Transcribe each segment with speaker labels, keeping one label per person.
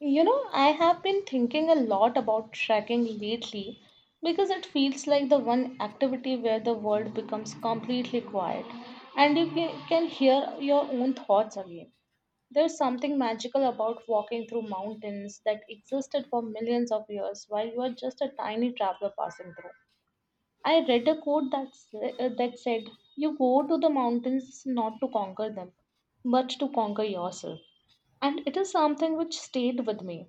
Speaker 1: You know, I have been thinking a lot about trekking lately because it feels like the one activity where the world becomes completely quiet and you can hear your own thoughts again. There's something magical about walking through mountains that existed for millions of years while you are just a tiny traveler passing through. I read a quote that, that said, "You go to the mountains not to conquer them, but to conquer yourself." And it is something which stayed with me,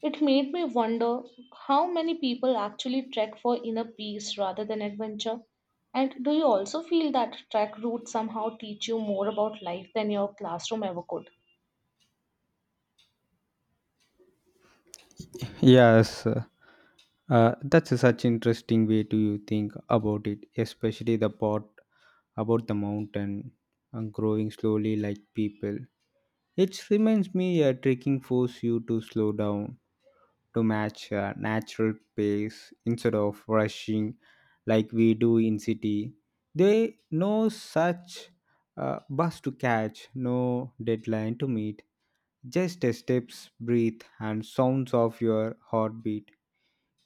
Speaker 1: it made me wonder how many people actually trek for inner peace rather than adventure. And do you also feel that trek routes somehow teach you more about life than your classroom ever could?
Speaker 2: Yes, that's such interesting way to you think about it, especially the part about the mountain and growing slowly like people. It reminds me a trekking force you to slow down to match a natural pace instead of rushing like we do in city. They no such bus to catch, no deadline to meet, just a steps, breathe, and sounds of your heartbeat.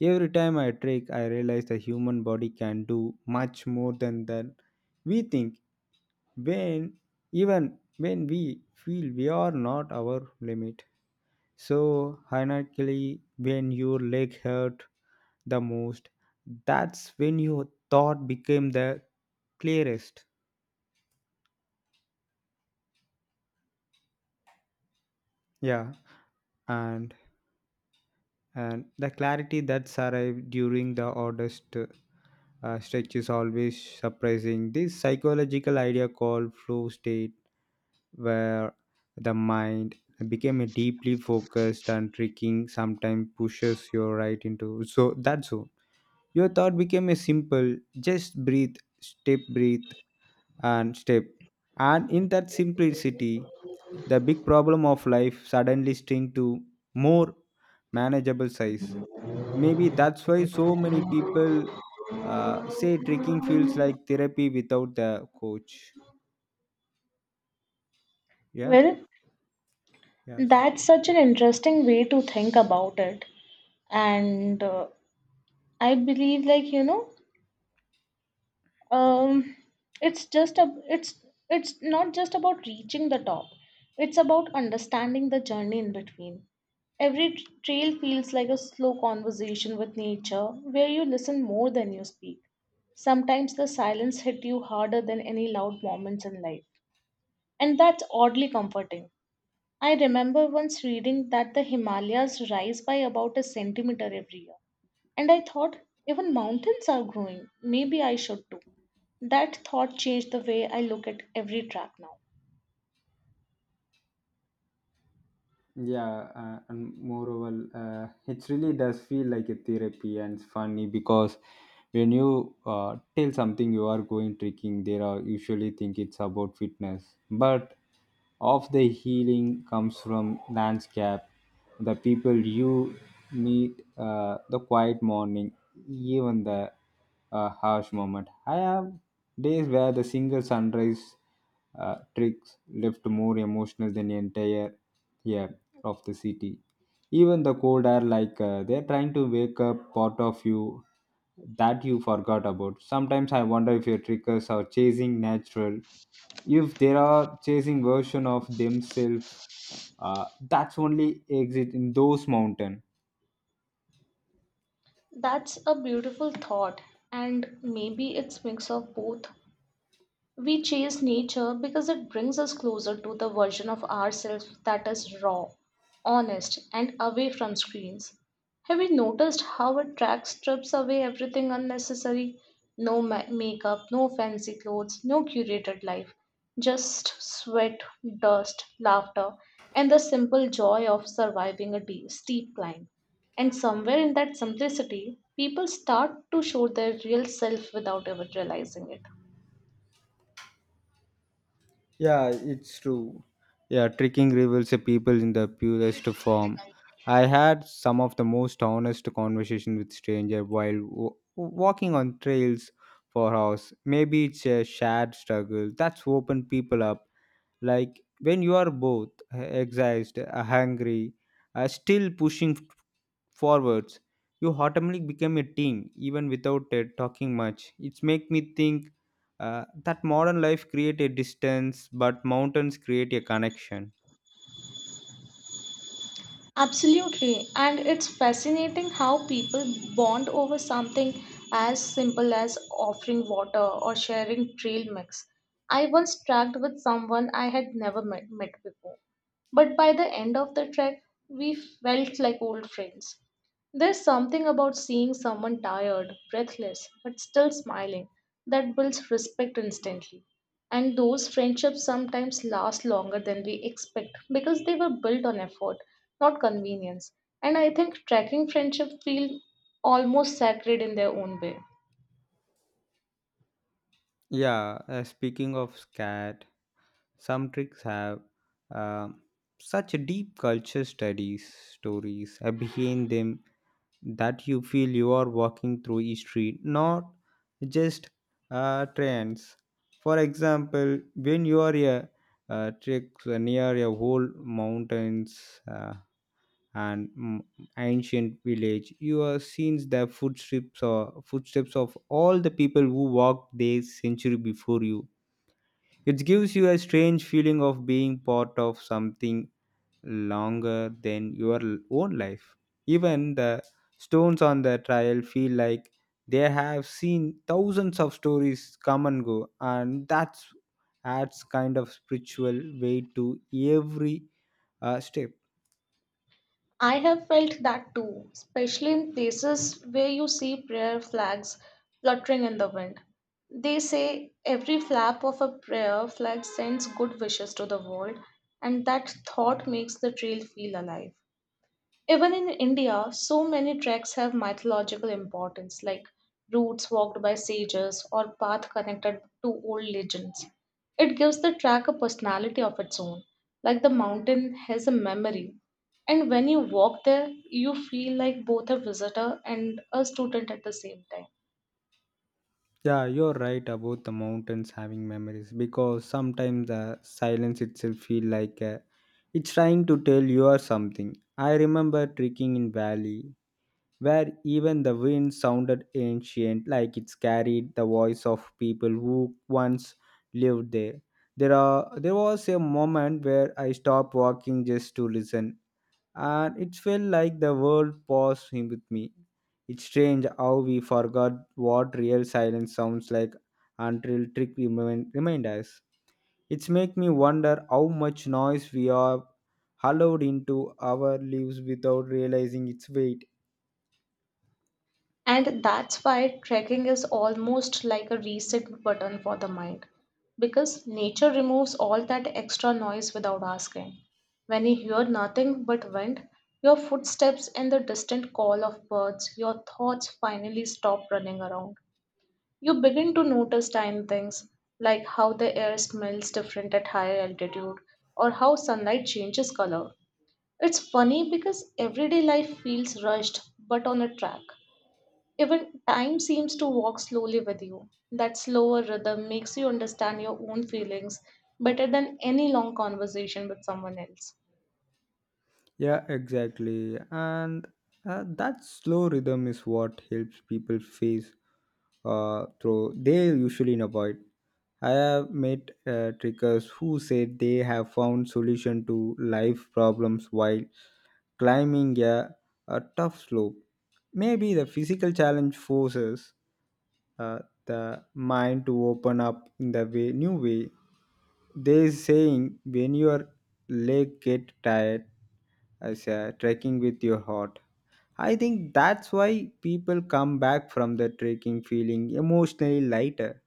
Speaker 2: Every time I trek, I realize the human body can do much more than we think. When even when we feel we are not our limit. So, ironically, when your leg hurt the most, that's when your thought became the clearest. Yeah, and and the clarity that's arrived during the oddest stretch is always surprising. This psychological idea called flow state, where the mind became a deeply focused and tricking sometimes pushes you right into so that zone. Your thought became a simple just breathe, step breathe, and step. And in that simplicity, the big problem of life suddenly shrink to more manageable size. Maybe that's why so many people say trekking feels like therapy without the coach. Yeah.
Speaker 1: Well,
Speaker 2: Yes.
Speaker 1: that's such an interesting way to think about it. And I believe, like, you know, um it's just a it's not just about reaching the top, it's about understanding the journey in between. Every trail feels like a slow conversation with nature where you listen more than you speak. Sometimes the silence hit you harder than any loud moments in life, and that's oddly comforting. I remember once reading that the Himalayas rise by about a centimeter every year, and I thought, even mountains are growing. Maybe I should too. That thought changed the way I look at every track now.
Speaker 2: Yeah, and moreover, it really does feel like a therapy, and it's funny because when you tell something you are going trekking, they are usually think it's about fitness, but of the healing comes from landscape, the people you meet, the quiet morning, even the harsh moment. I have days where the single sunrise tricks left more emotional than the entire air of the city. Even the cold air, like they're trying to wake up part of you that you forgot about. Sometimes I wonder if your trickers are chasing natural, if they are chasing version of themselves. That's only exit in those mountain.
Speaker 1: That's a beautiful thought, and maybe it's mix of both. We chase nature because it brings us closer to the version of ourselves that is raw, honest, and away from screens. Have you noticed how it track strips away everything unnecessary? No makeup, no fancy clothes, no curated life. Just sweat, dust, laughter, and the simple joy of surviving a steep climb. And somewhere in that simplicity, people start to show their real self without ever realizing it.
Speaker 2: Yeah, it's true. Yeah, tricking reveals a people in the purest form. I had some of the most honest conversation with stranger while walking on trails for hours. Maybe it's a shared struggle that's opened people up. Like when you are both exhausted, hungry, still pushing forwards. You automatically become a team even without talking much. It's make me think that modern life create a distance, but mountains create a connection.
Speaker 1: Absolutely, and it's fascinating how people bond over something as simple as offering water or sharing trail mix. I once trekked with someone I had never met before, but by the end of the trek, we felt like old friends. There's something about seeing someone tired, breathless, but still smiling that builds respect instantly. And those friendships sometimes last longer than we expect because they were built on effort, not convenience. And I think tracking friendship feel almost sacred in their own way.
Speaker 2: Yeah, speaking of scat, some tricks have uh, such a deep culture studies stories behind them that you feel you are walking through a street, not just trains. For example, when you are a trek near a whole mountains and ancient village, you are seeing the footsteps or footsteps of all the people who walked there century before you. It gives you a strange feeling of being part of something longer than your own life. Even the stones on the trial feel like they have seen thousands of stories come and go, and that adds kind of spiritual weight to every step.
Speaker 1: I have felt that too, especially in places where you see prayer flags fluttering in the wind. They say every flap of a prayer flag sends good wishes to the world, and that thought makes the trail feel alive. Even in India, so many treks have mythological importance, like routes walked by sages or paths connected to old legends. It gives the track a personality of its own, like the mountain has a memory. And when you walk there, you feel like both a visitor and a student at the same time.
Speaker 2: Yeah, you're right about the mountains having memories, because sometimes the silence itself feel like it's trying to tell you or something. I remember trekking in valley where even the wind sounded ancient, like it carried the voice of people who once lived there. There was a moment where I stopped walking just to listen, and it felt like the world paused him with me. It's strange how we forgot what real silence sounds like until trick remind us. It's make me wonder how much noise we are hollowed into our lives without realizing its weight.
Speaker 1: And that's why trekking is almost like a reset button for the mind, because nature removes all that extra noise without asking. When you hear nothing but wind, your footsteps, and the distant call of birds, your thoughts finally stop running around. You begin to notice tiny things, like how the air smells different at higher altitude or how sunlight changes color. It's funny because everyday life feels rushed, but on a track, even time seems to walk slowly with you. That slower rhythm makes you understand your own feelings better than any long conversation with someone else.
Speaker 2: Yeah, exactly. And that slow rhythm is what helps people face through they usually avoid. I have met trekkers who said they have found solution to life problems while climbing a tough slope. Maybe the physical challenge forces uh, the mind to open up in the way new way. They saying when your leg get tired as a trekking with your heart. I think that's why people come back from the trekking feeling emotionally lighter.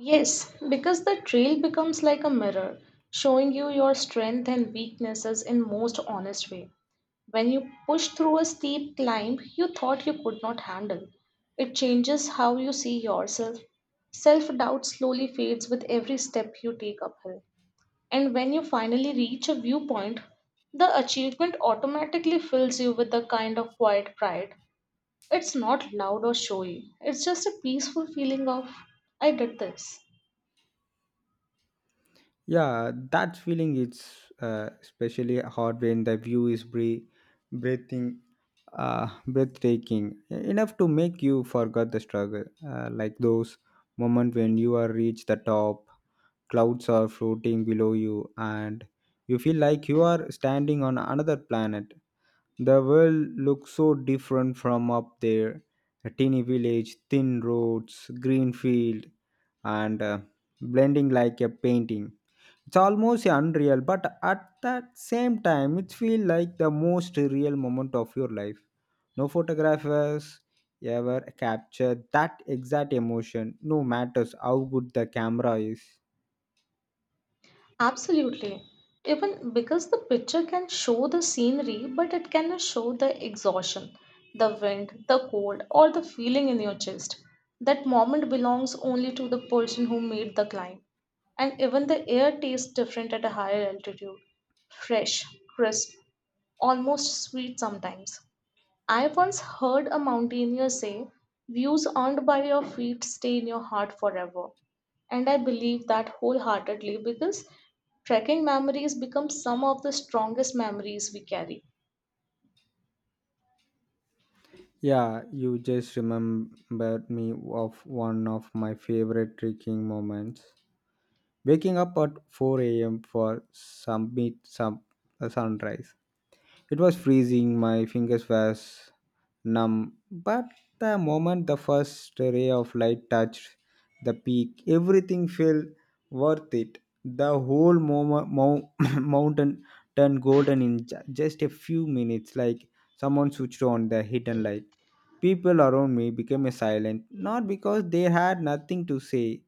Speaker 1: Yes, because the trail becomes like a mirror, showing you your strength and weaknesses in most honest way. When you push through a steep climb you thought you could not handle, it changes how you see yourself. Self doubt slowly fades with every step you take uphill. And when you finally reach a viewpoint, the achievement automatically fills you with a kind of quiet pride. It's not loud or showy, it's just a peaceful feeling of, "I did this."
Speaker 2: Yeah, that feeling it's especially hard when the view is breathing, breathtaking enough to make you forget the struggle. Like those moments when you are reach the top, clouds are floating below you, and you feel like you are standing on another planet. The world looks so different from up there. A teeny village, thin roads, green field, and blending like a painting. It's almost unreal, but at that same time, it feels like the most real moment of your life. No photographers ever capture that exact emotion, no matters how good the camera is.
Speaker 1: Absolutely. Even because the picture can show the scenery, but it cannot show the exhaustion, the wind, the cold, or the feeling in your chest. That moment belongs only to the person who made the climb. And even the air tastes different at a higher altitude: fresh, crisp, almost sweet sometimes. I once heard a mountaineer say, "Views earned by your feet stay in your heart forever." And I believe that wholeheartedly because trekking memories become some of the strongest memories we carry.
Speaker 2: Yeah, you just remembered me of one of my favorite trekking moments. Waking up at 4 a.m. for submit some sunrise. It was freezing, my fingers were numb, but the moment the first ray of light touched the peak, everything felt worth it. The whole mountain turned golden in just a few minutes, like someone switched on the hidden light. People around me became silent, not because they had nothing to say,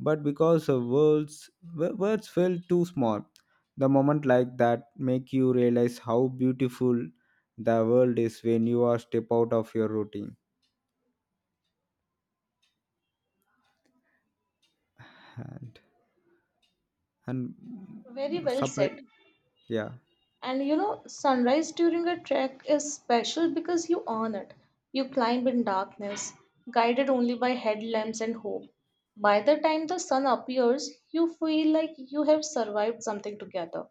Speaker 2: but because the words felt too small. The moment like that make you realize how beautiful the world is when you are step out of your routine. And and
Speaker 1: Very well
Speaker 2: surprise,
Speaker 1: said.
Speaker 2: yeah.
Speaker 1: And you know, sunrise during a trek is special because you earn it. You climb in darkness, guided only by headlamps and hope. By the time the sun appears, you feel like you have survived something together.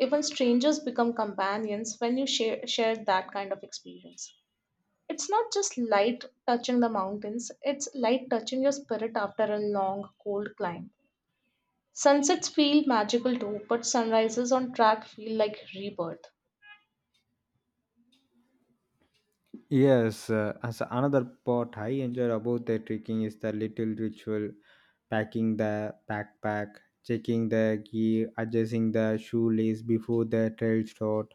Speaker 1: Even strangers become companions when you share that kind of experience. It's not just light touching the mountains, it's light touching your spirit after a long, cold climb. Sunsets feel magical too, but sunrises on track feel like rebirth.
Speaker 2: Yes, as another part I enjoy about the trekking is the little ritual, packing the backpack, checking the gear, adjusting the shoelace before the trail start.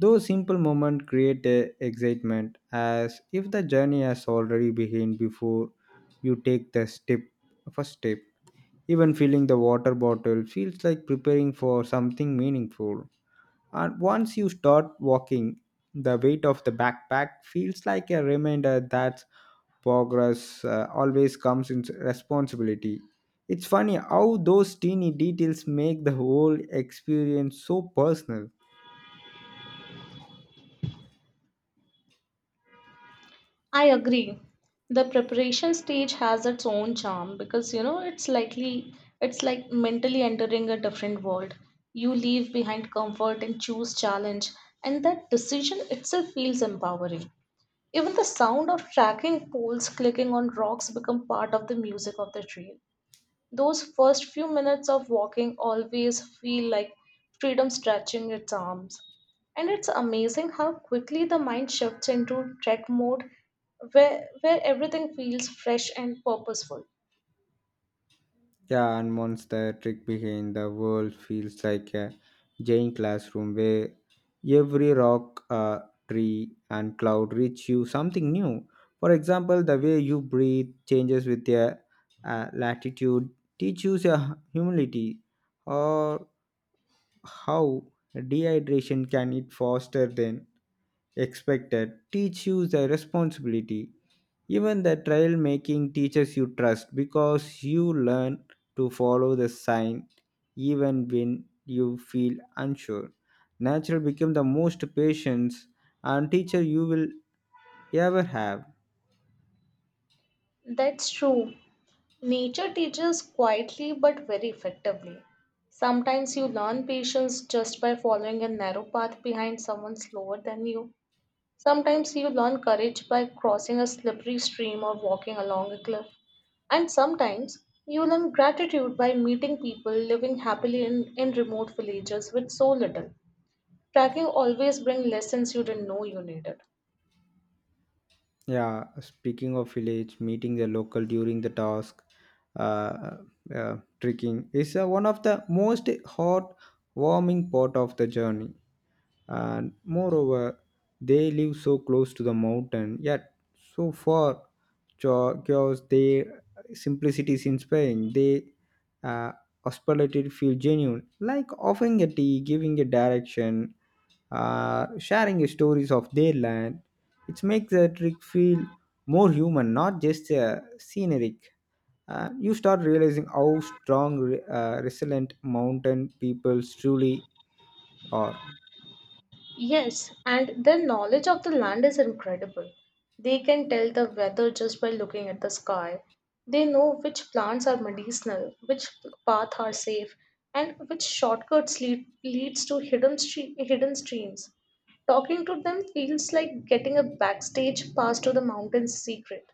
Speaker 2: Those simple moments create a excitement as if the journey has already begun before you take the step first step. Even filling the water bottle feels like preparing for something meaningful. And once you start walking, the weight of the backpack feels like a reminder that progress always comes in responsibility. It's funny how those teeny details make the whole experience so personal.
Speaker 1: I agree. The preparation stage has its own charm because you know it's likely it's like mentally entering a different world. You leave behind comfort and choose challenge, and that decision itself feels empowering. Even the sound of tracking poles clicking on rocks become part of the music of the trail. Those first few minutes of walking always feel like freedom stretching its arms. And it's amazing how quickly the mind shifts into trek mode where everything feels fresh and purposeful.
Speaker 2: Yeah, and once the trick behind the world feels like a giant classroom where every rock, tree, and cloud reach you something new. For example, the way you breathe changes with your latitude, teaches your humility, or how dehydration can eat faster than expected, teach you the responsibility. Even the trail making teaches you trust, because you learn to follow the sign even when you feel unsure. Nature become the most patience and teacher you will ever have.
Speaker 1: That's true. Nature teaches quietly but very effectively. Sometimes you learn patience just by following a narrow path behind someone slower than you. Sometimes you learn courage by crossing a slippery stream or walking along a cliff. And sometimes you learn gratitude by meeting people living happily in remote villages with so little. Tracking always brings lessons you didn't know you needed.
Speaker 2: Yeah, speaking of village, meeting the local during the task, uh, trekking is one of the most heartwarming part of the journey. And moreover, they live so close to the mountain yet so far, because their simplicity is inspiring. They uh, hospitality feel genuine, like offering a tea, giving a direction, sharing the stories of their land. It makes the trip feel more human, not just scenic. You start realizing how strong resilient mountain peoples truly are.
Speaker 1: Yes, and their knowledge of the land is incredible. They can tell the weather just by looking at the sky. They know which plants are medicinal, which paths are safe, and which shortcuts leads to hidden hidden streams. Talking to them feels like getting a backstage pass to the mountain's secret.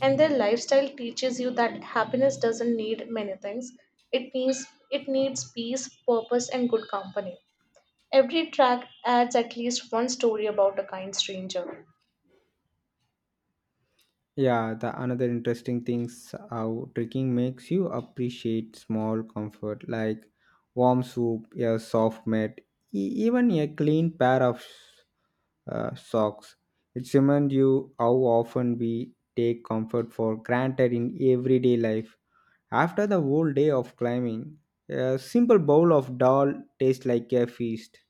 Speaker 1: And their lifestyle teaches you that happiness doesn't need many things. It needs it needs peace, purpose, and good company. Every track adds at least one story about a kind stranger.
Speaker 2: Yeah, the another interesting things how trekking makes you appreciate small comfort like warm soup, a soft mat, even a clean pair of socks. It reminds you how often we take comfort for granted in everyday life. After the whole day of climbing, a simple bowl of dal tastes like a feast.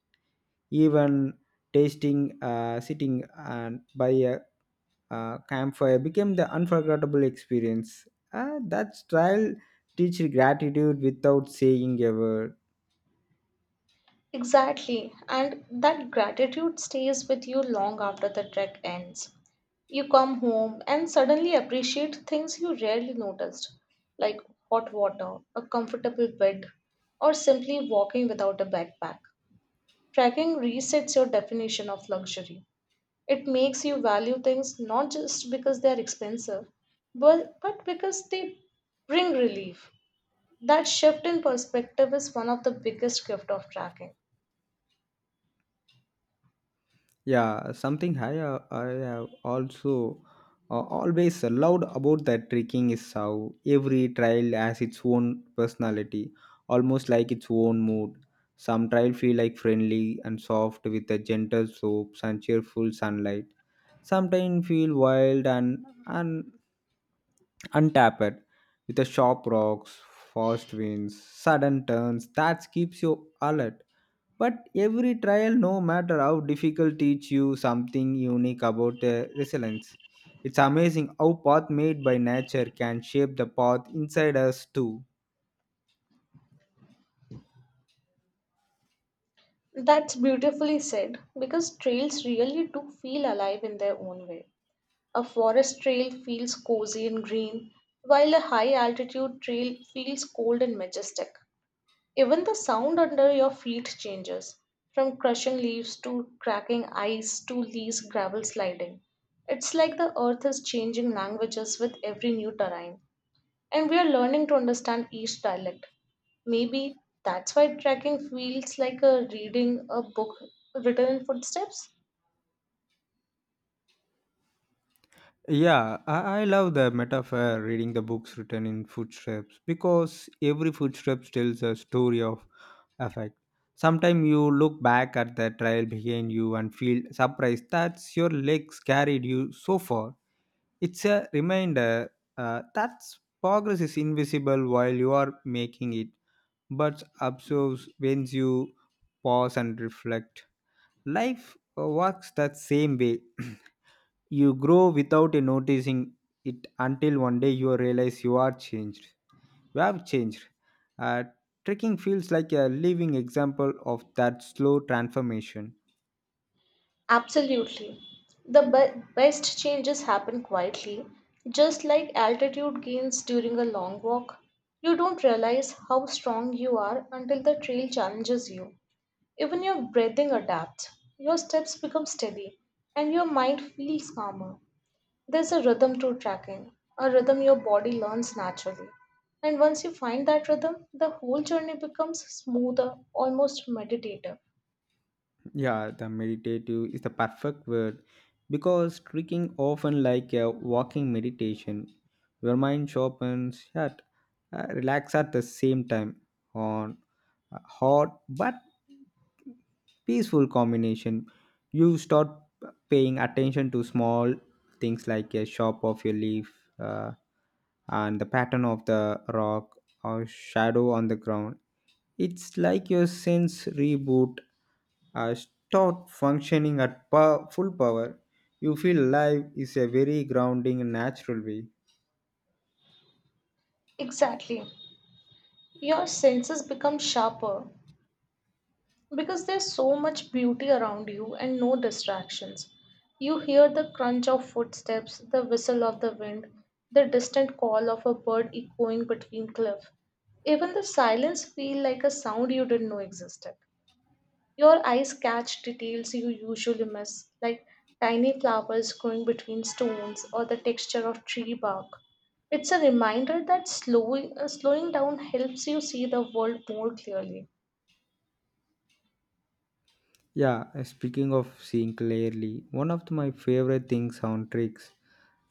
Speaker 2: Even tasting sitting and by a campfire became the unforgettable experience. That trial teaches gratitude without saying a word.
Speaker 1: Exactly, and that gratitude stays with you long after the trek ends. You come home and suddenly appreciate things you rarely noticed, like hot water, a comfortable bed, or simply walking without a backpack. Trekking resets your definition of luxury. It makes you value things not just because they are expensive, but because they bring relief. That shift in perspective is one of the biggest gift of tracking.
Speaker 2: Yeah, something I have also always loved about that trekking is how every trail has its own personality, almost like its own mood. Some trail feel like friendly and soft with a gentle slopes and cheerful sunlight. Sometimes feel wild and untapped with the sharp rocks, fast winds, sudden turns that keeps you alert. But every trial, no matter how difficult, teach you something unique about resilience. It's amazing how path made by nature can shape the path inside us too.
Speaker 1: That's beautifully said because trails really do feel alive in their own way. A forest trail feels cozy and green, while a high altitude trail feels cold and majestic. Even the sound under your feet changes, from crushing leaves to cracking ice to loose gravel sliding. It's like the earth is changing languages with every new terrain, and we are learning to understand each dialect. Maybe that's why trekking feels like a reading a book written in footsteps.
Speaker 2: Yeah, I love the metaphor reading the books written in footsteps, because every footsteps tells a story of affect. Sometimes you look back at the trail behind you and feel surprised that your legs carried you so far. It's a reminder that progress is invisible while you are making it, but observes when you pause and reflect. Life works that same way. You grow without noticing it until one day you realize you are changed. You have changed. Uh, trekking feels like a living example of that slow transformation.
Speaker 1: Absolutely. The best changes happen quietly, just like altitude gains during a long walk. You don't realize how strong you are until the trail challenges you. Even your breathing adapts, your steps become steady, and your mind feels calmer. There's a rhythm to trekking, a rhythm your body learns naturally. And once you find that rhythm, the whole journey becomes smoother, almost meditative.
Speaker 2: Yeah, the meditative is the perfect word, because tricking often like a walking meditation. Your mind sharpens yet relax at the same time, on a hot but peaceful combination. You start paying attention to small things like a shape of your leaf, uh, and the pattern of the rock or shadow on the ground. It's like your sense reboot, start functioning at full power. You feel life is a very grounding and natural way.
Speaker 1: Exactly. Your senses become sharper because there's so much beauty around you and no distractions. You hear the crunch of footsteps, the whistle of the wind, the distant call of a bird echoing between cliff. Even the silence feel like a sound you didn't know existed. Your eyes catch details you usually miss, like tiny flowers growing between stones or the texture of tree bark. It's a reminder that slowing down helps you see the world more clearly.
Speaker 2: Yeah, speaking of seeing clearly, one of my favorite things on tricks,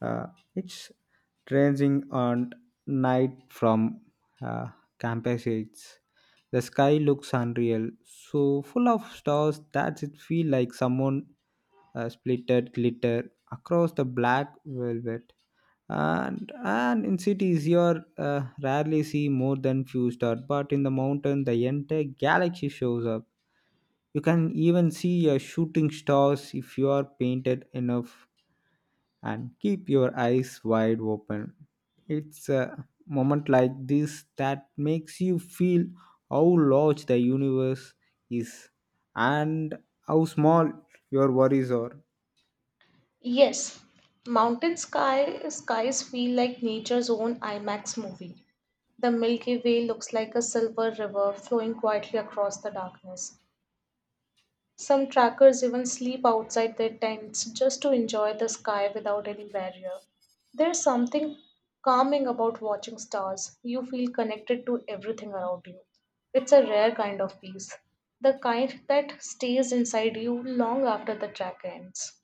Speaker 2: uh, it's tracing on night from uh, campus heights. The sky looks unreal, so full of stars that it feel like someone splitted glitter across the black velvet. And in cities you are rarely see more than few stars, but in the mountain the entire galaxy shows up. You can even see a shooting stars if you are painted enough and keep your eyes wide open. It's a moment like this that makes you feel how large the universe is and how small your worries are.
Speaker 1: Yes, mountain sky skies feel like nature's own IMAX movie. The Milky Way looks like a silver river flowing quietly across the darkness. Some trackers even sleep outside their tents just to enjoy the sky without any barrier. There's something calming about watching stars. You feel connected to everything around you. It's a rare kind of peace, the kind that stays inside you long after the track ends.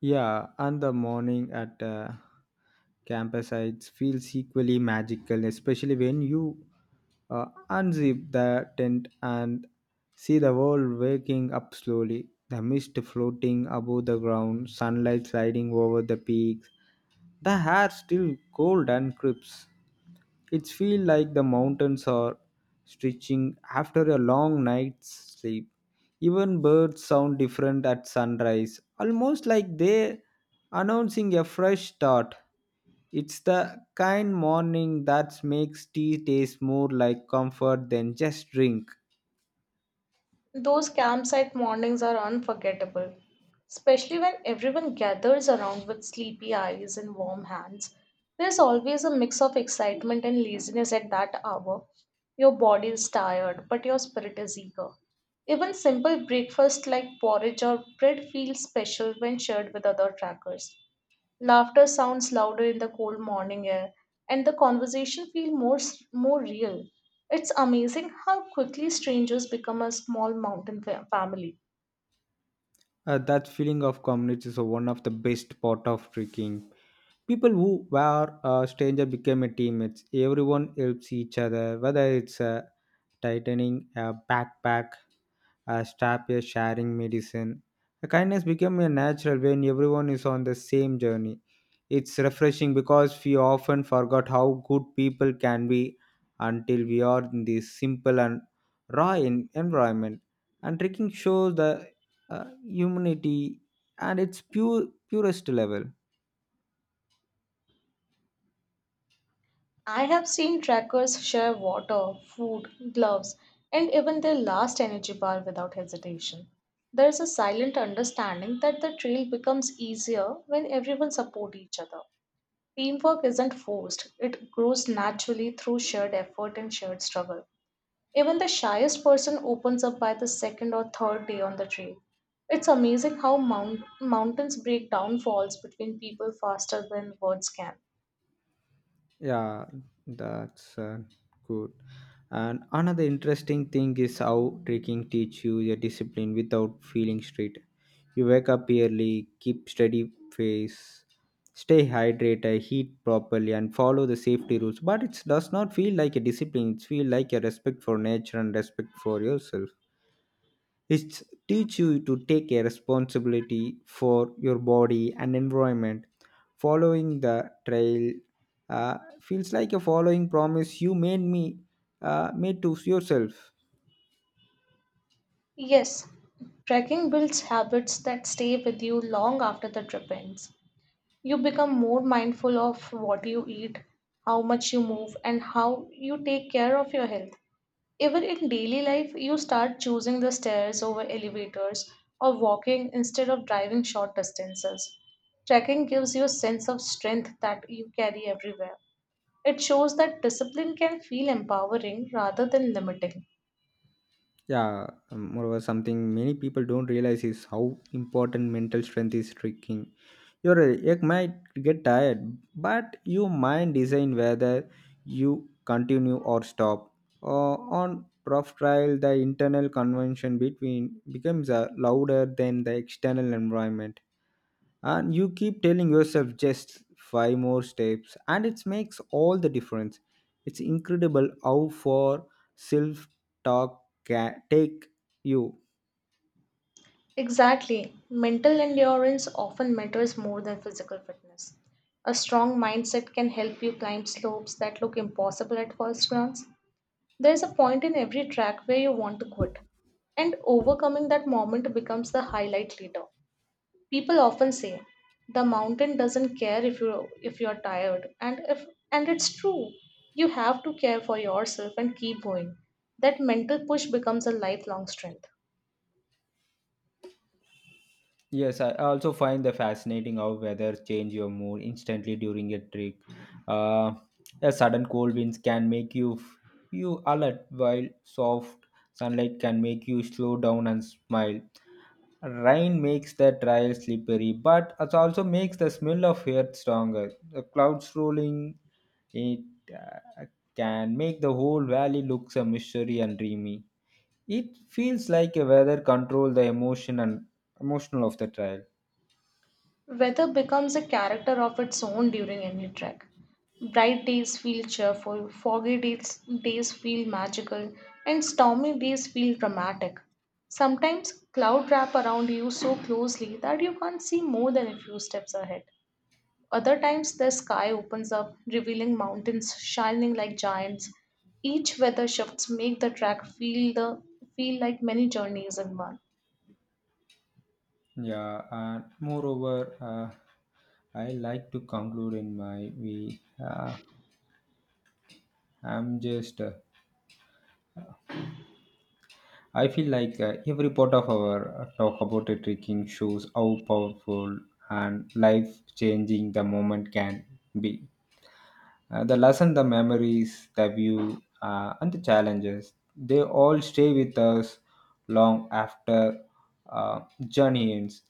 Speaker 2: Yeah, and the morning at campsites feels equally magical, especially when you uh, unzip the tent and see the world waking up slowly. The mist floating above the ground, sunlight sliding over the peaks, the hair still cold and crisp. It feels like the mountains are stretching after a long night's sleep. Even birds sound different at sunrise, almost like they announcing a fresh start. It's the kind morning that makes tea taste more like comfort than just drink.
Speaker 1: Those campsite mornings are unforgettable, especially when everyone gathers around with sleepy eyes and warm hands. There's always a mix of excitement and laziness at that hour. Your body is tired, but your spirit is eager. Even simple breakfast like porridge or bread feels special when shared with other trackers. Laughter sounds louder in the cold morning air, and the conversation feels more real. It's amazing how quickly strangers become a small mountain family.
Speaker 2: That feeling of community is one of the best part of drinking. People who were a stranger became a teammates. Everyone helps each other, whether it's a tightening a backpack, a strap, a sharing medicine. The kindness became a natural when everyone is on the same journey. It's refreshing because we often forgot how good people can be until we are in this simple and raw environment. And trekking shows the humanity and its pure purest level.
Speaker 1: I have seen trekkers share water, food, gloves, and even their last energy bar without hesitation. There is a silent understanding that the trail becomes easier when everyone supports each other. Teamwork isn't forced, it grows naturally through shared effort and shared struggle. Even the shyest person opens up by the second or third day on the trail. It's amazing how mountains break down walls between people faster than words can.
Speaker 2: Yeah, that's good. And another interesting thing is how trekking teach you your discipline without feeling strict. You wake up early, keep steady pace, stay hydrated, eat properly, and follow the safety rules. But it does not feel like a discipline. It feels like a respect for nature and respect for yourself. It teaches you to take a responsibility for your body and environment. Following the trail feels like a following promise you made me made to yourself.
Speaker 1: Yes, trekking builds habits that stay with you long after the trip ends. You become more mindful of what you eat, how much you move, and how you take care of your health. Even in daily life, you start choosing the stairs over elevators or walking instead of driving short distances. Trekking gives you a sense of strength that you carry everywhere. It shows that discipline can feel empowering rather than limiting.
Speaker 2: Yeah, moreover, something many people don't realize is how important mental strength is Tricking. Your egg might get tired, but you might decide whether you continue or stop. On rough trial, the internal convention between becomes louder than the external environment, and you keep telling yourself just five more steps, and it makes all the difference. It's incredible how far self-talk can take you.
Speaker 1: Exactly. Mental endurance often matters more than physical fitness. A strong mindset can help you climb slopes that look impossible at first glance. There's a point in every track where you want to quit, and overcoming that moment becomes the highlight later. People often say the mountain doesn't care if you're tired, and if and it's true. You have to care for yourself and keep going. That mental push becomes a lifelong strength.
Speaker 2: Yes, I also find the fascinating how weather change your mood instantly during a trek. Uh, a sudden cold winds can make you you alert, while soft sunlight can make you slow down and smile. Rain makes the trail slippery, but it also makes the smell of earth stronger. The clouds rolling it uh, can make the whole valley looks a mystery and dreamy. It feels like a weather control the emotion and emotional of the trail.
Speaker 1: Weather becomes a character of its own during any trek. Bright days feel cheerful, days feel magical, and stormy days feel dramatic. Sometimes cloud wrap around you so closely that you can't see more than a few steps ahead. Other times the sky opens up, revealing mountains shining like giants. Each weather shifts make the track feel like many journeys in one.
Speaker 2: Yeah, and moreover, I like to conclude in my way. I'm just, uh, I feel like every part of our talk about a trekking shows how powerful and life changing the moment can be. The lesson, the memories, the view, and the challenges, they all stay with us long after uh, journey ends.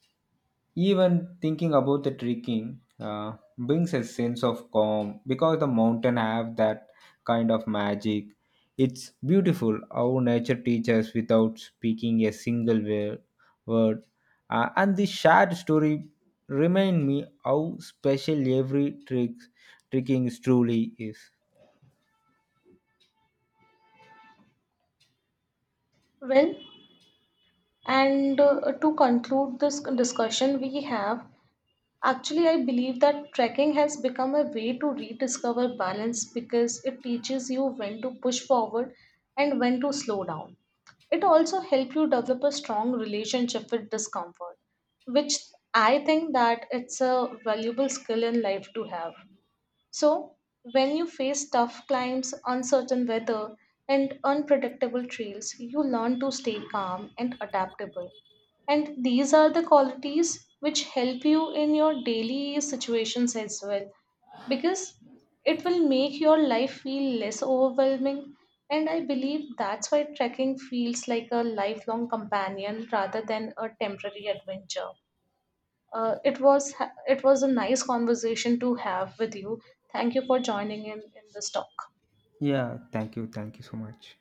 Speaker 2: Even thinking about the trekking brings a sense of calm because the mountain have that kind of magic. It's beautiful how nature teaches without speaking a single word. And this shared story remind me how special every Tricking is truly is.
Speaker 1: Well, and to conclude this discussion, we have actually, I believe that trekking has become a way to rediscover balance because it teaches you when to push forward and when to slow down. It also helps you develop a strong relationship with discomfort, which I think that it's a valuable skill in life to have. So, when you face tough climbs, uncertain weather, and unpredictable trails, you learn to stay calm and adaptable. And these are the qualities which help you in your daily situations as well because it will make your life feel less overwhelming. And I believe that's why trekking feels like a lifelong companion rather than a temporary adventure. Uh, it was it was a nice conversation to have with you. Thank you for joining in this talk.
Speaker 2: Yeah, thank you. Thank you so much.